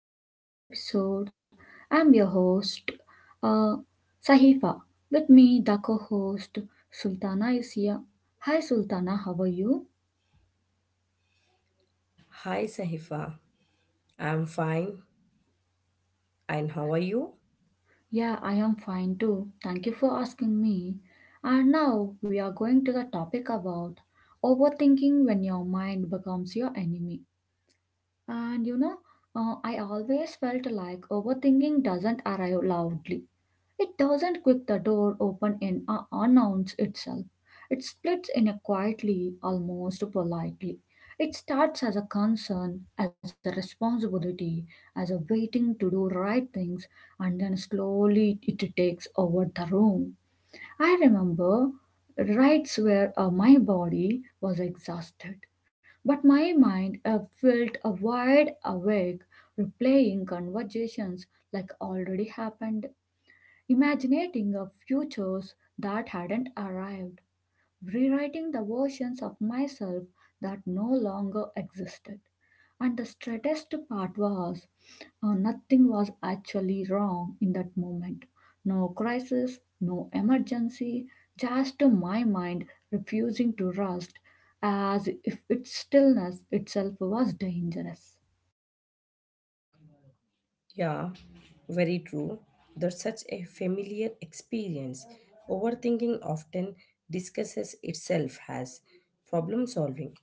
back to the today's episode. I'm your host, uh, Sahifa. With me, the co-host Sultana is here. Hi Sultana, how are you? Hi Sahifa, I'm fine. And how are you? Yeah, I am fine too. Thank you for asking me. And now we are going to the topic about overthinking when your mind becomes your enemy. And I always felt like overthinking doesn't arrive loudly. It doesn't kick the door open and announce itself. It splits in a quietly, almost politely. It starts as a concern, as a responsibility, as a waiting to do right things, and then slowly it takes over the room. I remember rights where my body was exhausted, but my mind felt wide awake, replaying conversations like already happened, imaginating of futures that hadn't arrived, rewriting the versions of myself that no longer existed. And the straightest part was nothing was actually wrong in that moment. No crisis, no emergency, just my mind refusing to rust as if its stillness itself was dangerous. Yeah, very true. That's such a familiar experience. Overthinking often discusses itself as problem solving.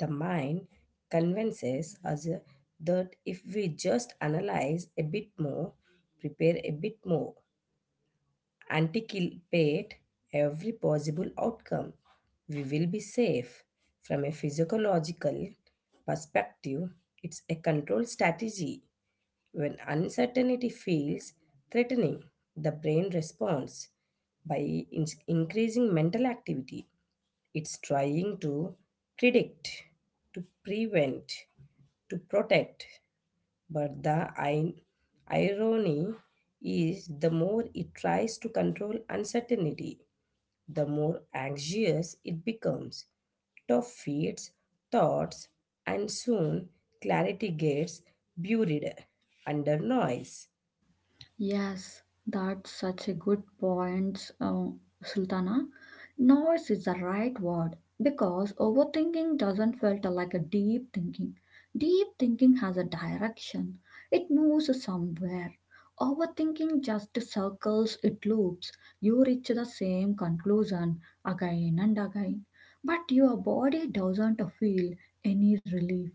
The mind convinces us that if we just analyze a bit more, prepare a bit more, anticipate every possible outcome. We will be safe. From a physiological perspective, it's a control strategy. When uncertainty feels threatening, the brain responds by increasing mental activity. It's trying to predict, to prevent, to protect. But the irony is the more it tries to control uncertainty, the more anxious it becomes. Tough feeds thoughts, and soon clarity gets buried under noise. Yes, that's such a good point, Sultana. Noise is the right word because overthinking doesn't filter like a deep thinking. Deep thinking has a direction, it moves somewhere. Overthinking just circles, it loops. You reach the same conclusion again and again, but your body doesn't feel any relief.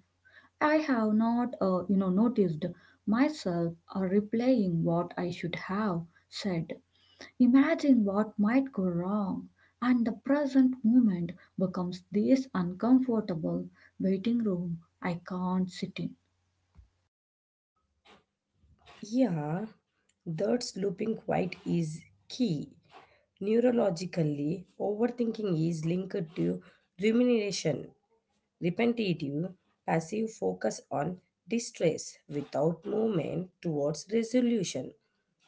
I have not, noticed myself replaying what I should have said, imagine what might go wrong, and the present moment becomes this uncomfortable waiting room I can't sit in. Yeah, that looping quite is key. Neurologically, overthinking is linked to rumination. Repetitive passive focus on distress without movement towards resolution.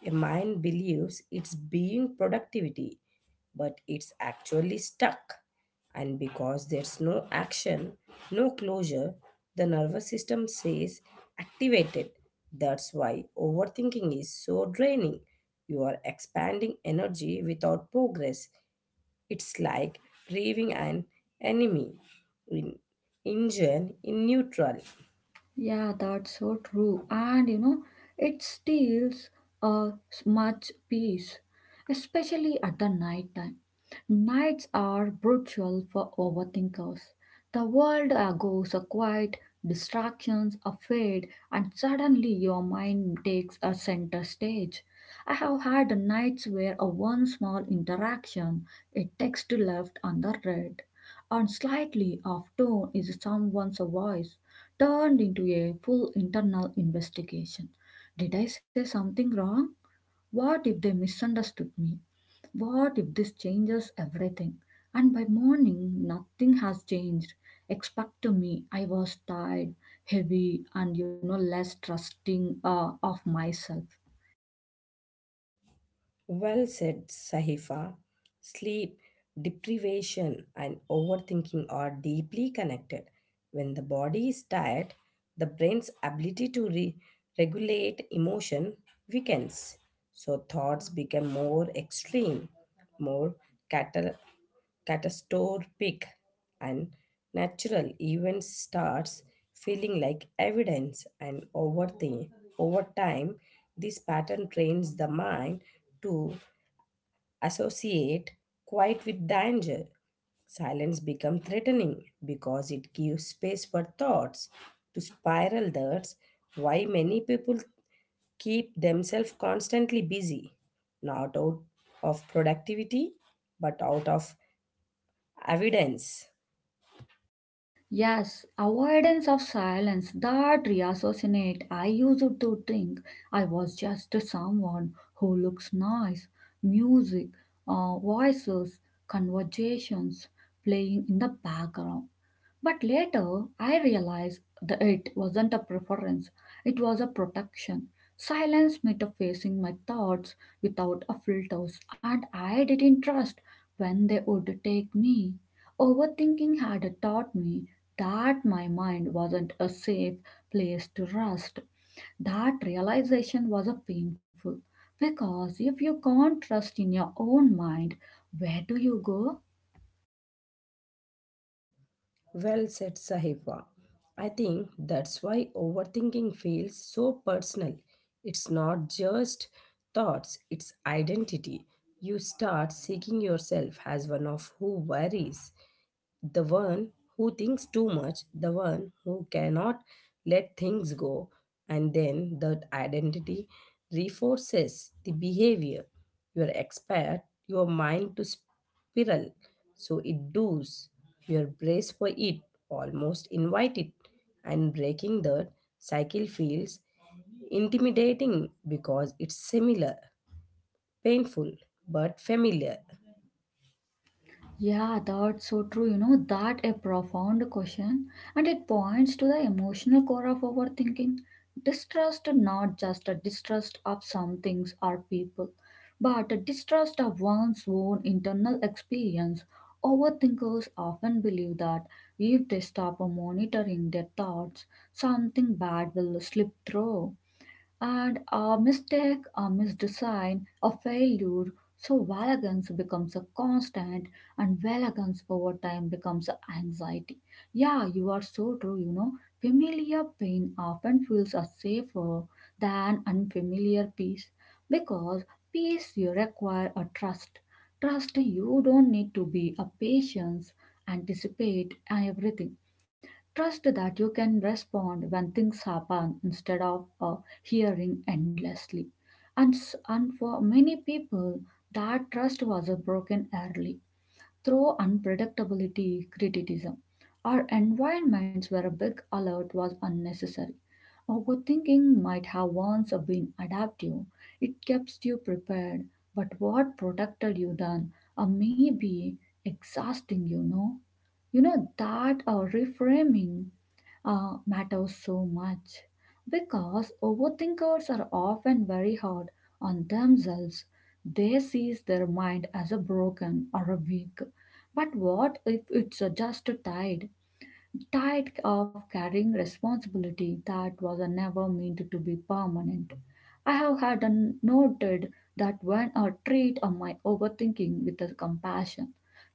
A mind believes it's being productivity, but it's actually stuck. And because there's no action, no closure, the nervous system says activated. That's why overthinking is so draining. You are expanding energy without progress. It's like braving an enemy in engine in neutral. Yeah, that's so true, and it steals much peace, especially at the night time. Nights are brutal for overthinkers. The world goes a quiet, distractions are fade, and suddenly your mind takes a center stage. I have had nights where a one small interaction, a text to left and the red, and slightly off tone is someone's voice, turned into a full internal investigation. Did I say something wrong? What if they misunderstood me? What if this changes everything? And by morning, nothing has changed. Expect to me, I was tired, heavy, and less trusting of myself. Well said, Sahifa. Sleep, deprivation, and overthinking are deeply connected. When the body is tired, the brain's ability to regulate emotion weakens. So thoughts become more extreme, more catal- catastrophic, and natural event starts feeling like evidence, and over the over time this pattern trains the mind to associate quiet with danger. Silence becomes threatening because it gives space for thoughts to spiral. That's why many people keep themselves constantly busy, not out of productivity but out of evidence. Yes, avoidance of silence, that reassociate. I used to think I was just someone who looks nice. Music, voices, conversations playing in the background. But later, I realized that it wasn't a preference, it was a protection. Silence meant of facing my thoughts without a filters, and I didn't trust when they would take me. Overthinking had taught me that my mind wasn't a safe place to rest. That realization was a painful because if you can't trust in your own mind, where do you go? Well said, Sahiba. I think that's why overthinking feels so personal. It's not just thoughts, it's identity. You start seeing yourself as one of who worries, the one who thinks too much, the one who cannot let things go, and then that identity reinforces the behavior. You expect your mind to spiral, so it does. Your brace for it, almost invite it, and breaking that cycle feels intimidating because it's similar, painful, but familiar. Yeah, that's so true. That a profound question, and it points to the emotional core of overthinking. Distrust, not just a distrust of some things or people, but a distrust of one's own internal experience. Overthinkers often believe that if they stop monitoring their thoughts, something bad will slip through. And a mistake, a misdesign, a failure, so valence becomes a constant and valence over time becomes a anxiety. Yeah, you are so true. Familiar pain often feels a safer than unfamiliar peace because peace you require a trust. Trust you don't need to be a patience, anticipate and everything. Trust that you can respond when things happen instead of hearing endlessly. And for many people, that trust was broken early through unpredictability, criticism, or environments where a big alert was unnecessary. Overthinking might have once been adaptive, it kept you prepared, but what protected you then may be exhausting. You know that reframing matters so much because overthinkers are often very hard on themselves. They see their mind as a broken or a weak. But what if it's just tired? Tired of carrying responsibility that was never meant to be permanent. I have had noted that when I treat of my overthinking with a compassion,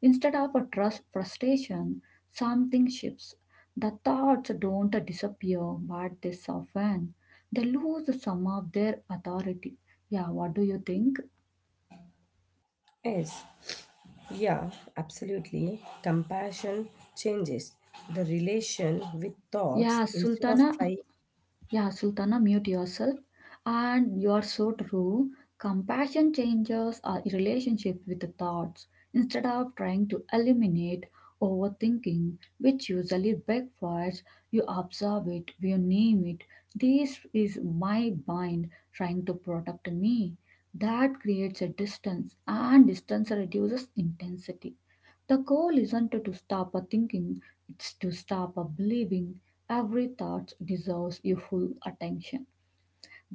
instead of a trust frustration, something shifts. The thoughts don't disappear, but they soften. They lose some of their authority. Yeah, what do you think? Yes, yeah, absolutely. Compassion changes the relation with thoughts Yeah, instead of Sultana, trying. Yeah, Sultana, mute yourself. And you are so true. Compassion changes our relationship with the thoughts instead of trying to eliminate overthinking, which usually backfires. You observe it, you name it. This is my mind trying to protect me. That creates a distance, and distance reduces intensity. The goal isn't to stop a thinking, it's to stop a believing every thought deserves your full attention.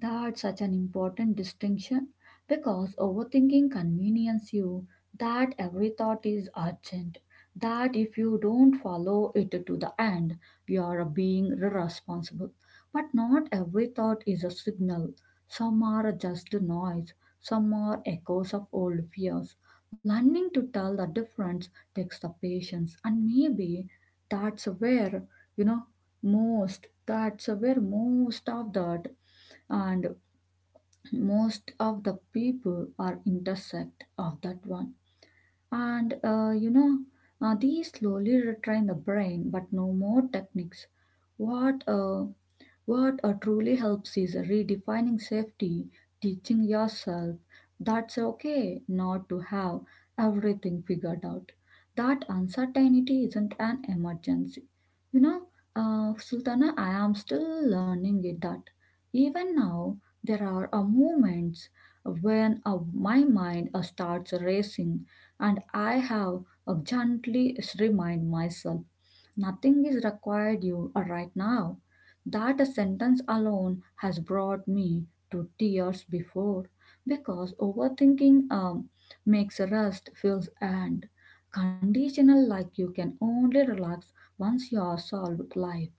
That's such an important distinction because overthinking convenience you that every thought is urgent, that if you don't follow it to the end, you are being irresponsible. But not every thought is a signal. Some are just noise, some are echoes of old fears. Learning to tell the difference takes the patience, and maybe that's where, you know, most that's where most of that and most of the people are intersect of that one and these slowly retrain the brain, but no more techniques. What uh, what uh, truly helps is redefining safety, teaching yourself that's okay not to have everything figured out. That uncertainty isn't an emergency. You know, Sultana, I am still learning it that even now there are moments when my mind starts racing and I have gently remind myself. Nothing is required you are right now. That a sentence alone has brought me to tears before because overthinking makes rest feels and conditional, like you can only relax once you are solved life,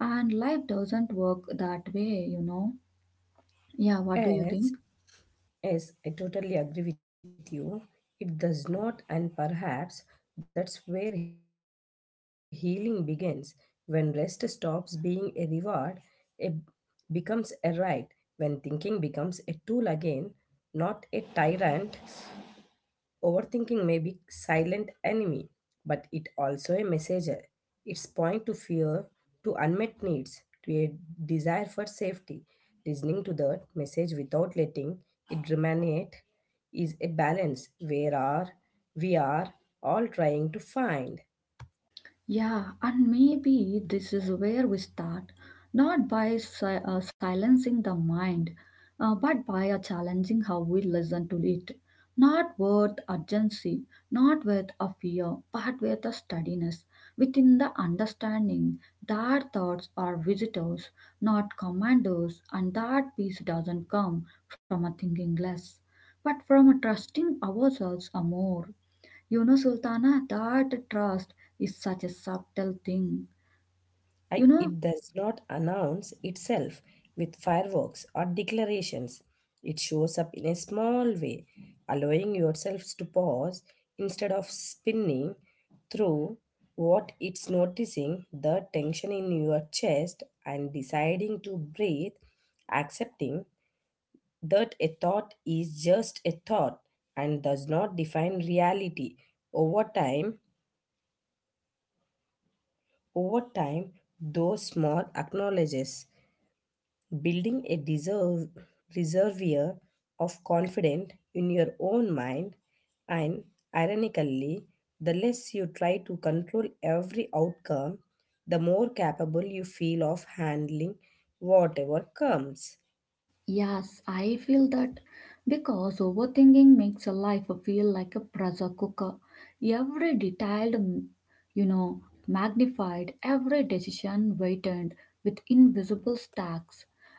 and life doesn't work that way. Yeah, what do you think? Yes, yes, I totally agree with you. It does not, and perhaps that's where healing begins. When rest stops being a reward, it becomes a right. When thinking becomes a tool again, not a tyrant. Overthinking may be silent enemy, but it also a messenger. It's point to fear, to unmet needs, to a desire for safety. Listening to that message without letting it ruminate is a balance where are we are all trying to find. Yeah, and maybe this is where we start, not by silencing the mind, but by challenging how we listen to it. Not with urgency, not with a fear, but with a steadiness, within the understanding that thoughts are visitors, not commanders, and that peace doesn't come from a thinking less, but from a trusting ourselves a more. You know, Sultana, that trust is such a subtle thing. I- You know, it does not announce itself with fireworks or declarations. It shows up in a small way, allowing yourselves to pause instead of spinning through what it's noticing the tension in your chest and deciding to breathe, accepting that a thought is just a thought and does not define reality. Over time, over time, those small acknowledges building a deserve, reservoir of confidence in your own mind, and ironically, the less you try to control every outcome, the more capable you feel of handling whatever comes. Yes, I feel that because overthinking makes a life feel like a pressure cooker. Every detailed, you know, magnified, every decision weighted with invisible stacks,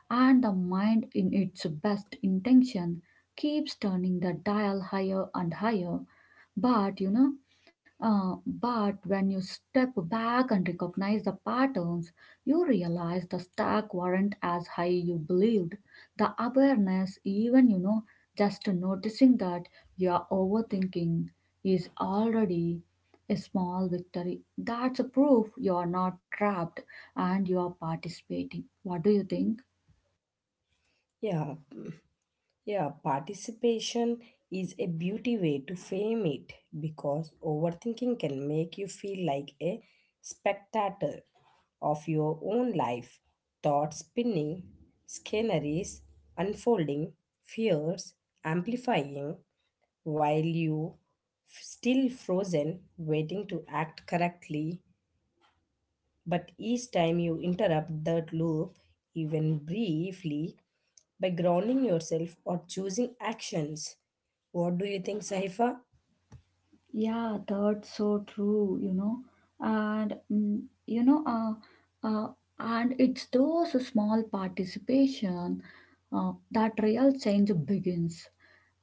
and the mind, in its best intention, keeps turning the dial higher and higher. But you know, uh, but when you step back and recognize the patterns, you realize the stack weren't as high you believed. The awareness, even just noticing that you are overthinking, is already a small victory. That's a proof you are not trapped and you are participating. What do you think? Yeah, yeah, participation is a beauty way to frame it because overthinking can make you feel like a spectator of your own life, thoughts spinning, sceneries unfolding, fears amplifying, while you still frozen, waiting to act correctly. But each time you interrupt that loop, even briefly, by grounding yourself or choosing actions. What do you think, Saifa? Yeah, that's so true. And mm, you know, uh, and it's those small participation that real change begins.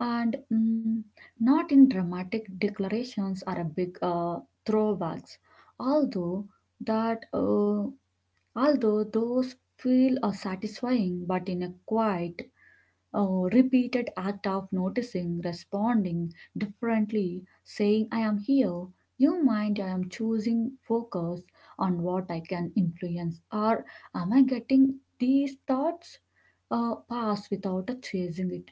And not in dramatic declarations or a big throwbacks, although that uh, although those feel satisfying, but in a quiet repeated act of noticing, responding differently, saying, I am here, you mind, I am choosing focus on what I can influence, or am I getting these thoughts pass without a chasing it?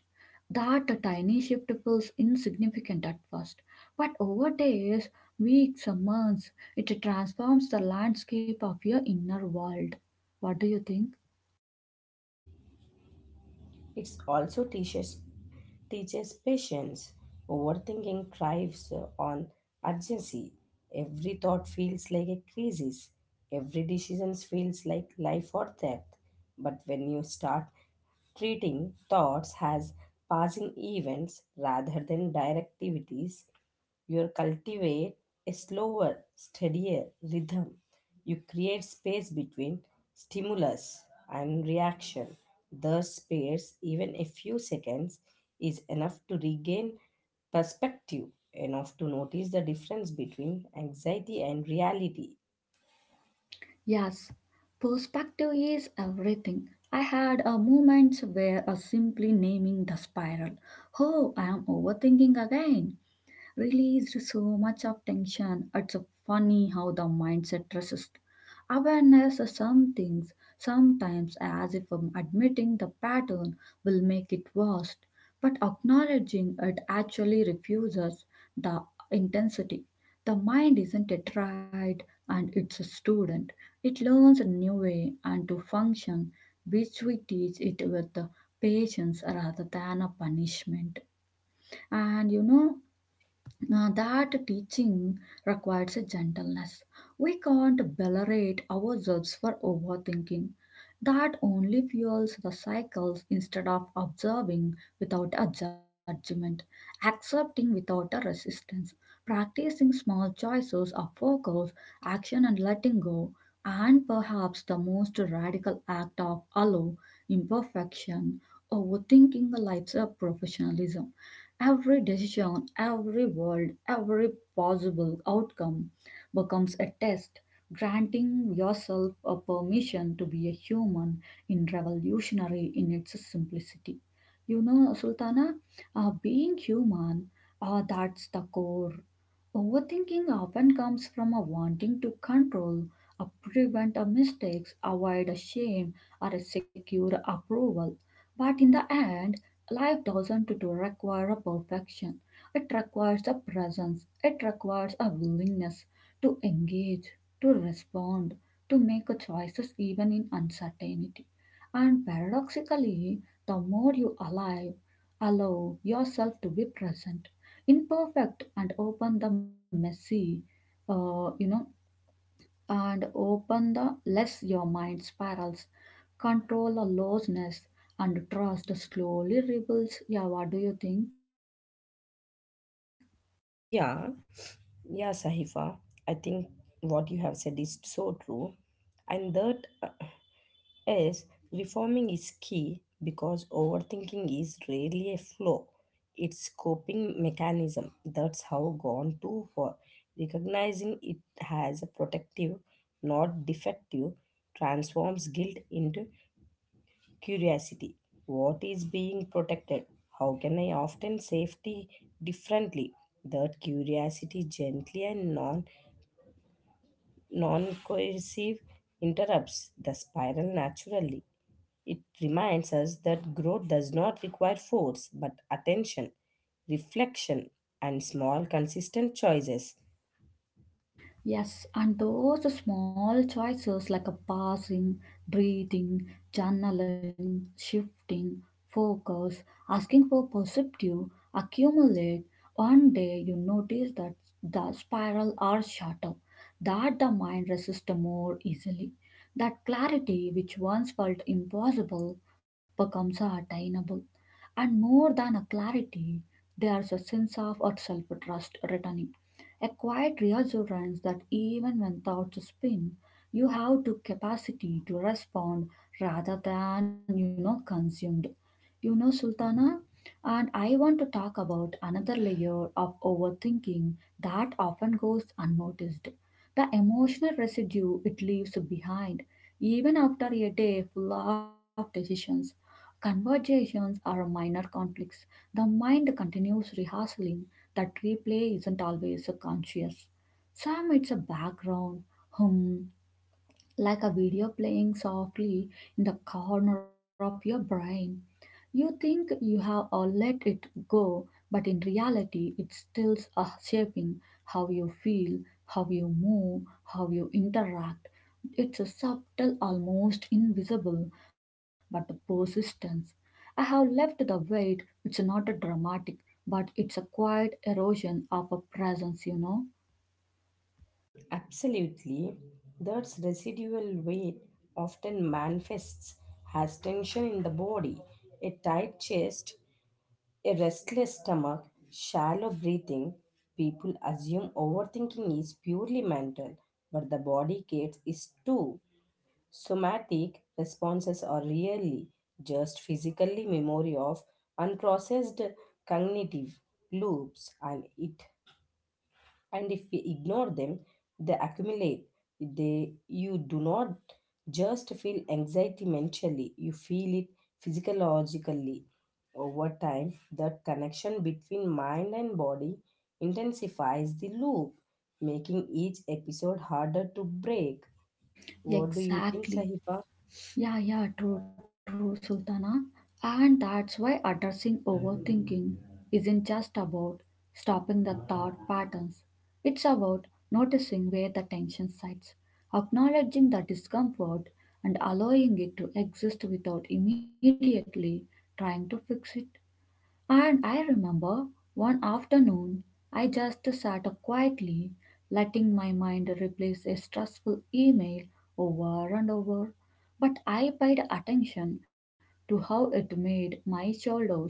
That a tiny shift feels insignificant at first, but over days, weeks, or months, it transforms the landscape of your inner world. What do you think? It's also teaches teaches patience. Overthinking thrives on urgency. Every thought feels like a crisis. Every decision feels like life or death. But when you start treating thoughts as passing events rather than directivities, you cultivate a slower, steadier rhythm. You create space between stimulus and reaction. Thus, space, even a few seconds, is enough to regain perspective, enough to notice the difference between anxiety and reality. Yes, perspective is everything. I had a moment where a simply naming the spiral. Oh, I am overthinking again released so much of tension. It's funny how the mindset resists. Awareness of some things sometimes as if admitting the pattern will make it worse, but acknowledging it actually refuses the intensity. The mind isn't a tried and it's a student. It learns a new way and to function, which we teach it with the patience rather than a punishment. And that teaching requires a gentleness. We can't beliterate ourselves for overthinking. That only fuels the cycles instead of observing without a judgment, accepting without a resistance, practicing small choices of focus, action, and letting go. And perhaps the most radical act of allow imperfection, overthinking life's professionalism. Every decision, every word, every possible outcome becomes a test, granting yourself a permission to be a human in revolutionary in its simplicity. You know, Sultana, being human, that's the core. Overthinking often comes from a wanting to control, a prevent a mistakes, avoid a shame, or a secure approval. But in the end, life doesn't to require a perfection. It requires a presence. It requires a willingness to engage, to respond, to make a choices even in uncertainty. And paradoxically, the more you allow yourself to be present, imperfect, uh, you know, and open the less your mind spirals control or looseness and trust slowly rebuilds. Yeah, what do you think? Yeah, yeah, Sahifa. I think what you have said is so true. And that uh, yes, reforming is key because overthinking is rarely a flaw. It's coping mechanism. That's how gone too far. Recognizing it as a protective, not defective, transforms guilt into curiosity. What is being protected? How can I often safety differently? That curiosity gently and non coercive interrupts the spiral naturally. It reminds us that growth does not require force, but attention, reflection, and small, consistent choices. Yes, and those small choices like a passing, breathing, journaling, shifting, focus, asking for perspective, accumulate. One day you notice that the spiral are shorter, that the mind resists more easily. That clarity which once felt impossible becomes attainable. And more than a clarity, there's a sense of self trust returning a quiet reassurance that even when thoughts spin, you have the capacity to respond rather than consumed. You know, Sultana, and I want to talk about another layer of overthinking that often goes unnoticed the emotional residue it leaves behind, even after a day full of decisions. Conversations or minor conflicts, the mind continues rehearsing that replay isn't always conscious. Some it's a background hum, like a video playing softly in the corner of your brain. You think you have all let it go, but in reality, it's still shaping how you feel, how you move, how you interact. It's a subtle, almost invisible, but the persistence. I have left the weight, it's not a dramatic, but it's a quiet erosion of a presence. Absolutely. That's residual weight often manifests as tension in the body, a tight chest, a restless stomach, shallow breathing. People assume overthinking is purely mental, but the body gets is too. Somatic responses are really just physically memory of unprocessed cognitive loops, and it and if we ignore them they accumulate. They, you do not just feel anxiety mentally, you feel it physiologically. Over time that connection between mind and body intensifies the loop, making each episode harder to break. What do you think, Exactly. Sahifa? Yeah, yeah, true, true, Sultana. And that's why addressing overthinking isn't just about stopping the thought patterns, it's about noticing where the tension sides, acknowledging the discomfort, and allowing it to exist without immediately trying to fix it. And I remember one afternoon, I just sat quietly, letting my mind replace a stressful email over and over but I paid attention to how it made my shoulders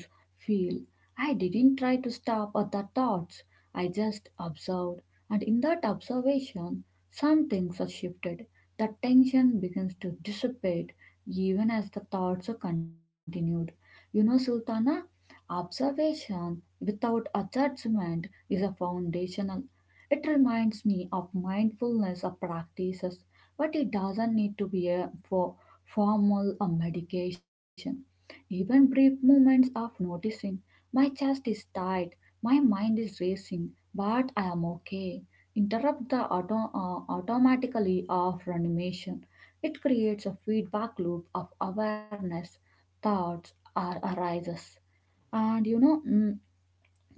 feel. I didn't try to stop at the thoughts, I just observed. And in that observation, some things are shifted. The tension begins to dissipate even as the thoughts are continued. You know, Sultana, observation without a judgment is a foundational. It reminds me of mindfulness of practices but it doesn't need to be a for formal medication. Even brief moments of noticing my chest is tight, my mind is racing, but I am okay. Interrupt the automatically of animation. It creates a feedback loop of awareness, thoughts are arises. And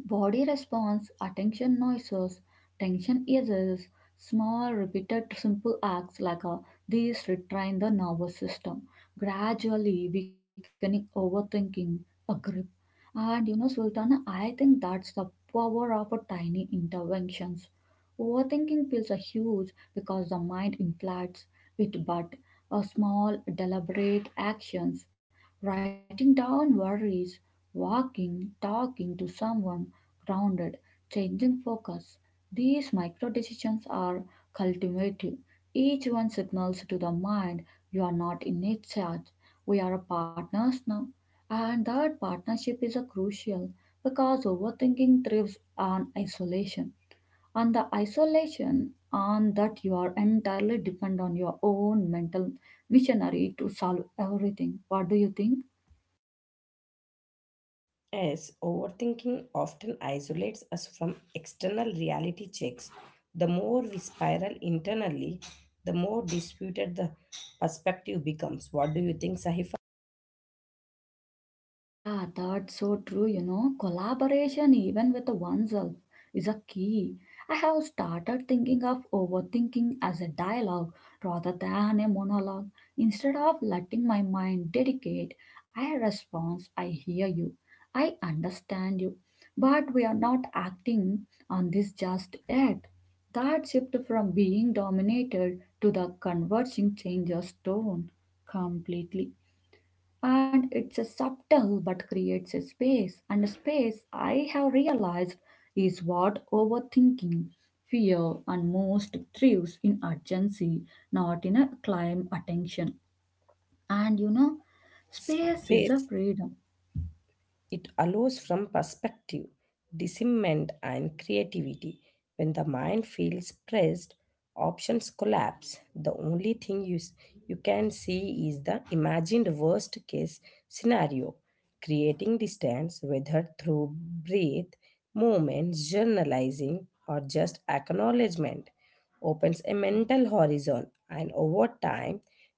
Body response, attention noises, tension eases, small repeated simple acts like these retrain the nervous system, gradually weakening overthinking, aggressive and you know, Sultana, I think that's the power of a tiny interventions. Overthinking feels a huge because the mind inflates it, but a small, deliberate actions, writing down worries, walking, talking to someone grounded, changing focus. These micro decisions are cultivative. Each one signals to the mind you are not in its charge. We are partners now. And that partnership is a crucial because overthinking thrives on isolation. And the isolation on that you are entirely depend on your own mental missionary to solve everything. What do you think? As overthinking often isolates us from external reality checks, the more we spiral internally, the more disputed the perspective becomes. What do you think, Sahifa? Yeah, that's so true. You know, collaboration, even with oneself, is a key. I have started thinking of overthinking as a dialogue rather than a monologue. Instead of letting my mind dedicate, I respond, I hear you, I understand you, but we are not acting on this just yet. That shift from being dominated to the converging changes tone completely and it's a subtle but creates a space and a space I have realized is what overthinking fear and most thrives in urgency not in a climb attention and you know space is a Space. freedom. It allows from perspective, discernment, and creativity. When the mind feels pressed, options collapse. The only thing you can see is the imagined worst case scenario. Creating distance, whether through breath, movements, journalizing, or just acknowledgement, opens a mental horizon, and over time,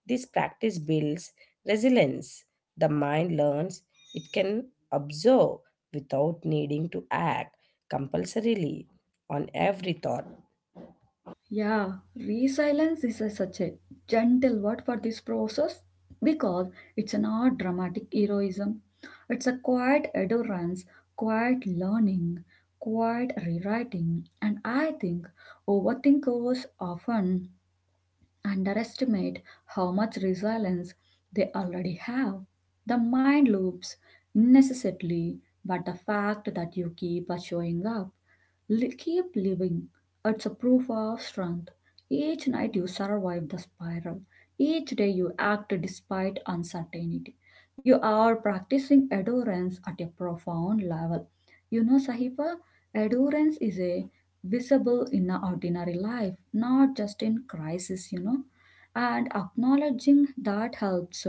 this practice builds resilience. The mind learns it can observe without needing to act compulsorily on every thought. Yeah, resilience is a, such a gentle word for this process because it's not dramatic heroism. It's a quiet endurance, quiet learning, quiet rewriting, and I think overthinkers often underestimate how much resilience they already have. The mind loops unnecessarily, but the fact that you keep showing up keep living. It's a proof of strength. Each night you survive the spiral. Each day you act despite uncertainty. You are practicing endurance at a profound level. You know, Sahiba, endurance is a visible in our ordinary life, not just in crisis, you know. And acknowledging that helps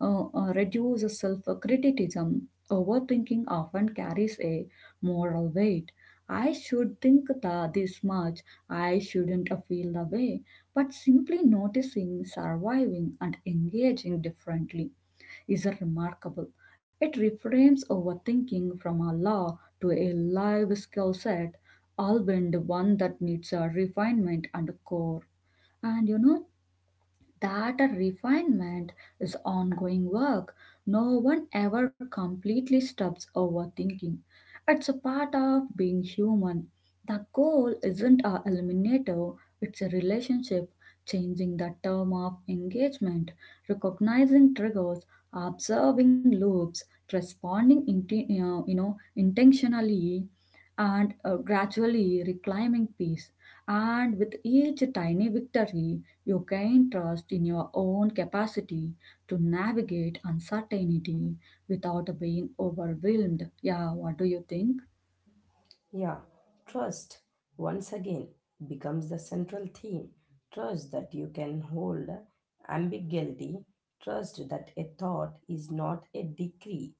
reduce self criticism. Overthinking often carries a moral weight. I should think this much, I shouldn't feel the way. But simply noticing, surviving, and engaging differently is a remarkable. It reframes overthinking from a law to a live skill set, albeit one that needs a refinement and core. And you know, that a refinement is ongoing work. No one ever completely stops overthinking. It's a part of being human. The goal isn't a eliminator, it's a relationship, changing the term of engagement, recognizing triggers, observing loops, responding intentionally and gradually reclaiming peace. And with each tiny victory, you gain trust in your own capacity to navigate uncertainty without being overwhelmed. Yeah, what do you think? Yeah, trust once again becomes the central theme. Trust that you can hold ambiguity, trust that a thought is not a decree,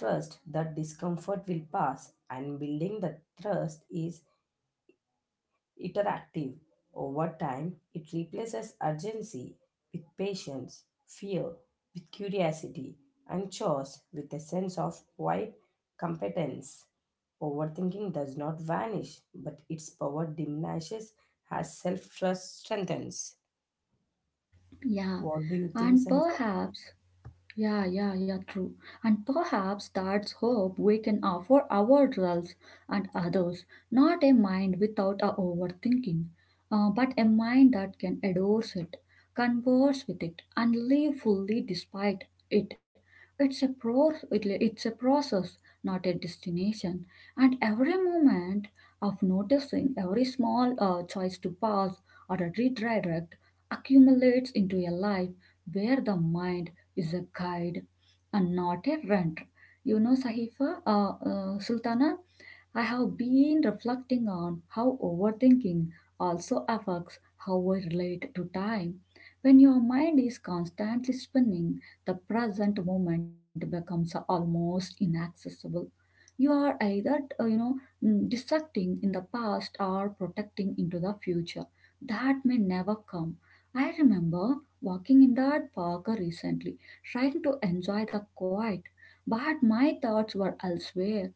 trust that discomfort will pass, and building the trust is interactive. Over time, it replaces urgency with patience, fear with curiosity, and chores with a sense of quiet competence. Overthinking does not vanish, but its power diminishes as self trust strengthens. Yeah, What do you think, and Sahifa? perhaps Yeah, yeah, yeah, true. And perhaps that's hope we can offer ourselves and others, not a mind without a overthinking, but a mind that can endorse it, converse with it, and live fully despite it. It's a process, not a destination. And every moment of noticing every small choice to pause or a redirect accumulates into a life where the mind is a guide and not a renter. You know, Sultana, I have been reflecting on how overthinking also affects how I relate to time. When your mind is constantly spinning, the present moment becomes almost inaccessible. You are either, uh, you know, dissecting in the past or protecting into the future that may never come. I remember walking in that park recently, trying to enjoy the quiet, but my thoughts were elsewhere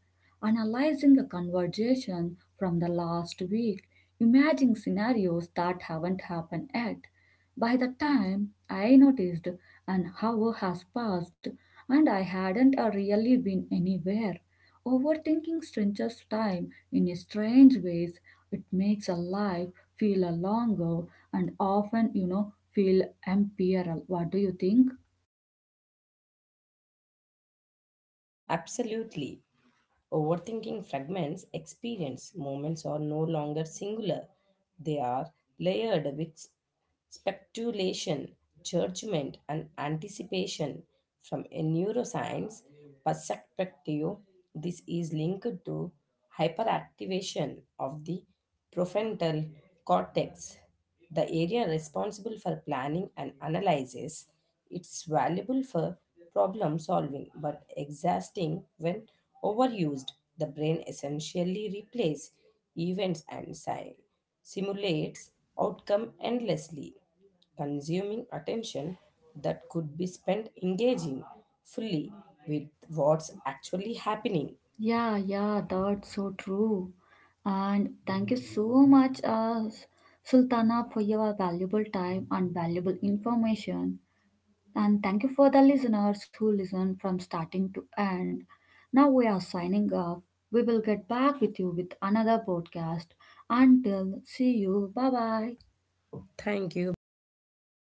analyzing a conversation from the last week, imagining scenarios that haven't happened yet. By the time I noticed an hour has passed and I hadn't really been anywhere, overthinking stretches time in a strange ways, it makes a life feel a longer and often feel empirical. What do you think? Absolutely. Overthinking fragments experience. Moments are no longer singular, they are layered with speculation, judgment, and anticipation. From a neuroscience perspective, this is linked to hyperactivation of the prefrontal cortex, the area responsible for planning and analysis. It's valuable for problem solving but exhausting when overused. The brain essentially replays events and simulates outcome endlessly, consuming attention that could be spent engaging fully with what's actually happening. Yeah, yeah, that's so true. And thank you so much, Sultana, for your valuable time and valuable information. And thank you for the listeners who listen from starting to end. Now we are signing off. We will get back with you with another podcast. Until see you. Bye bye. Thank you. Bye bye.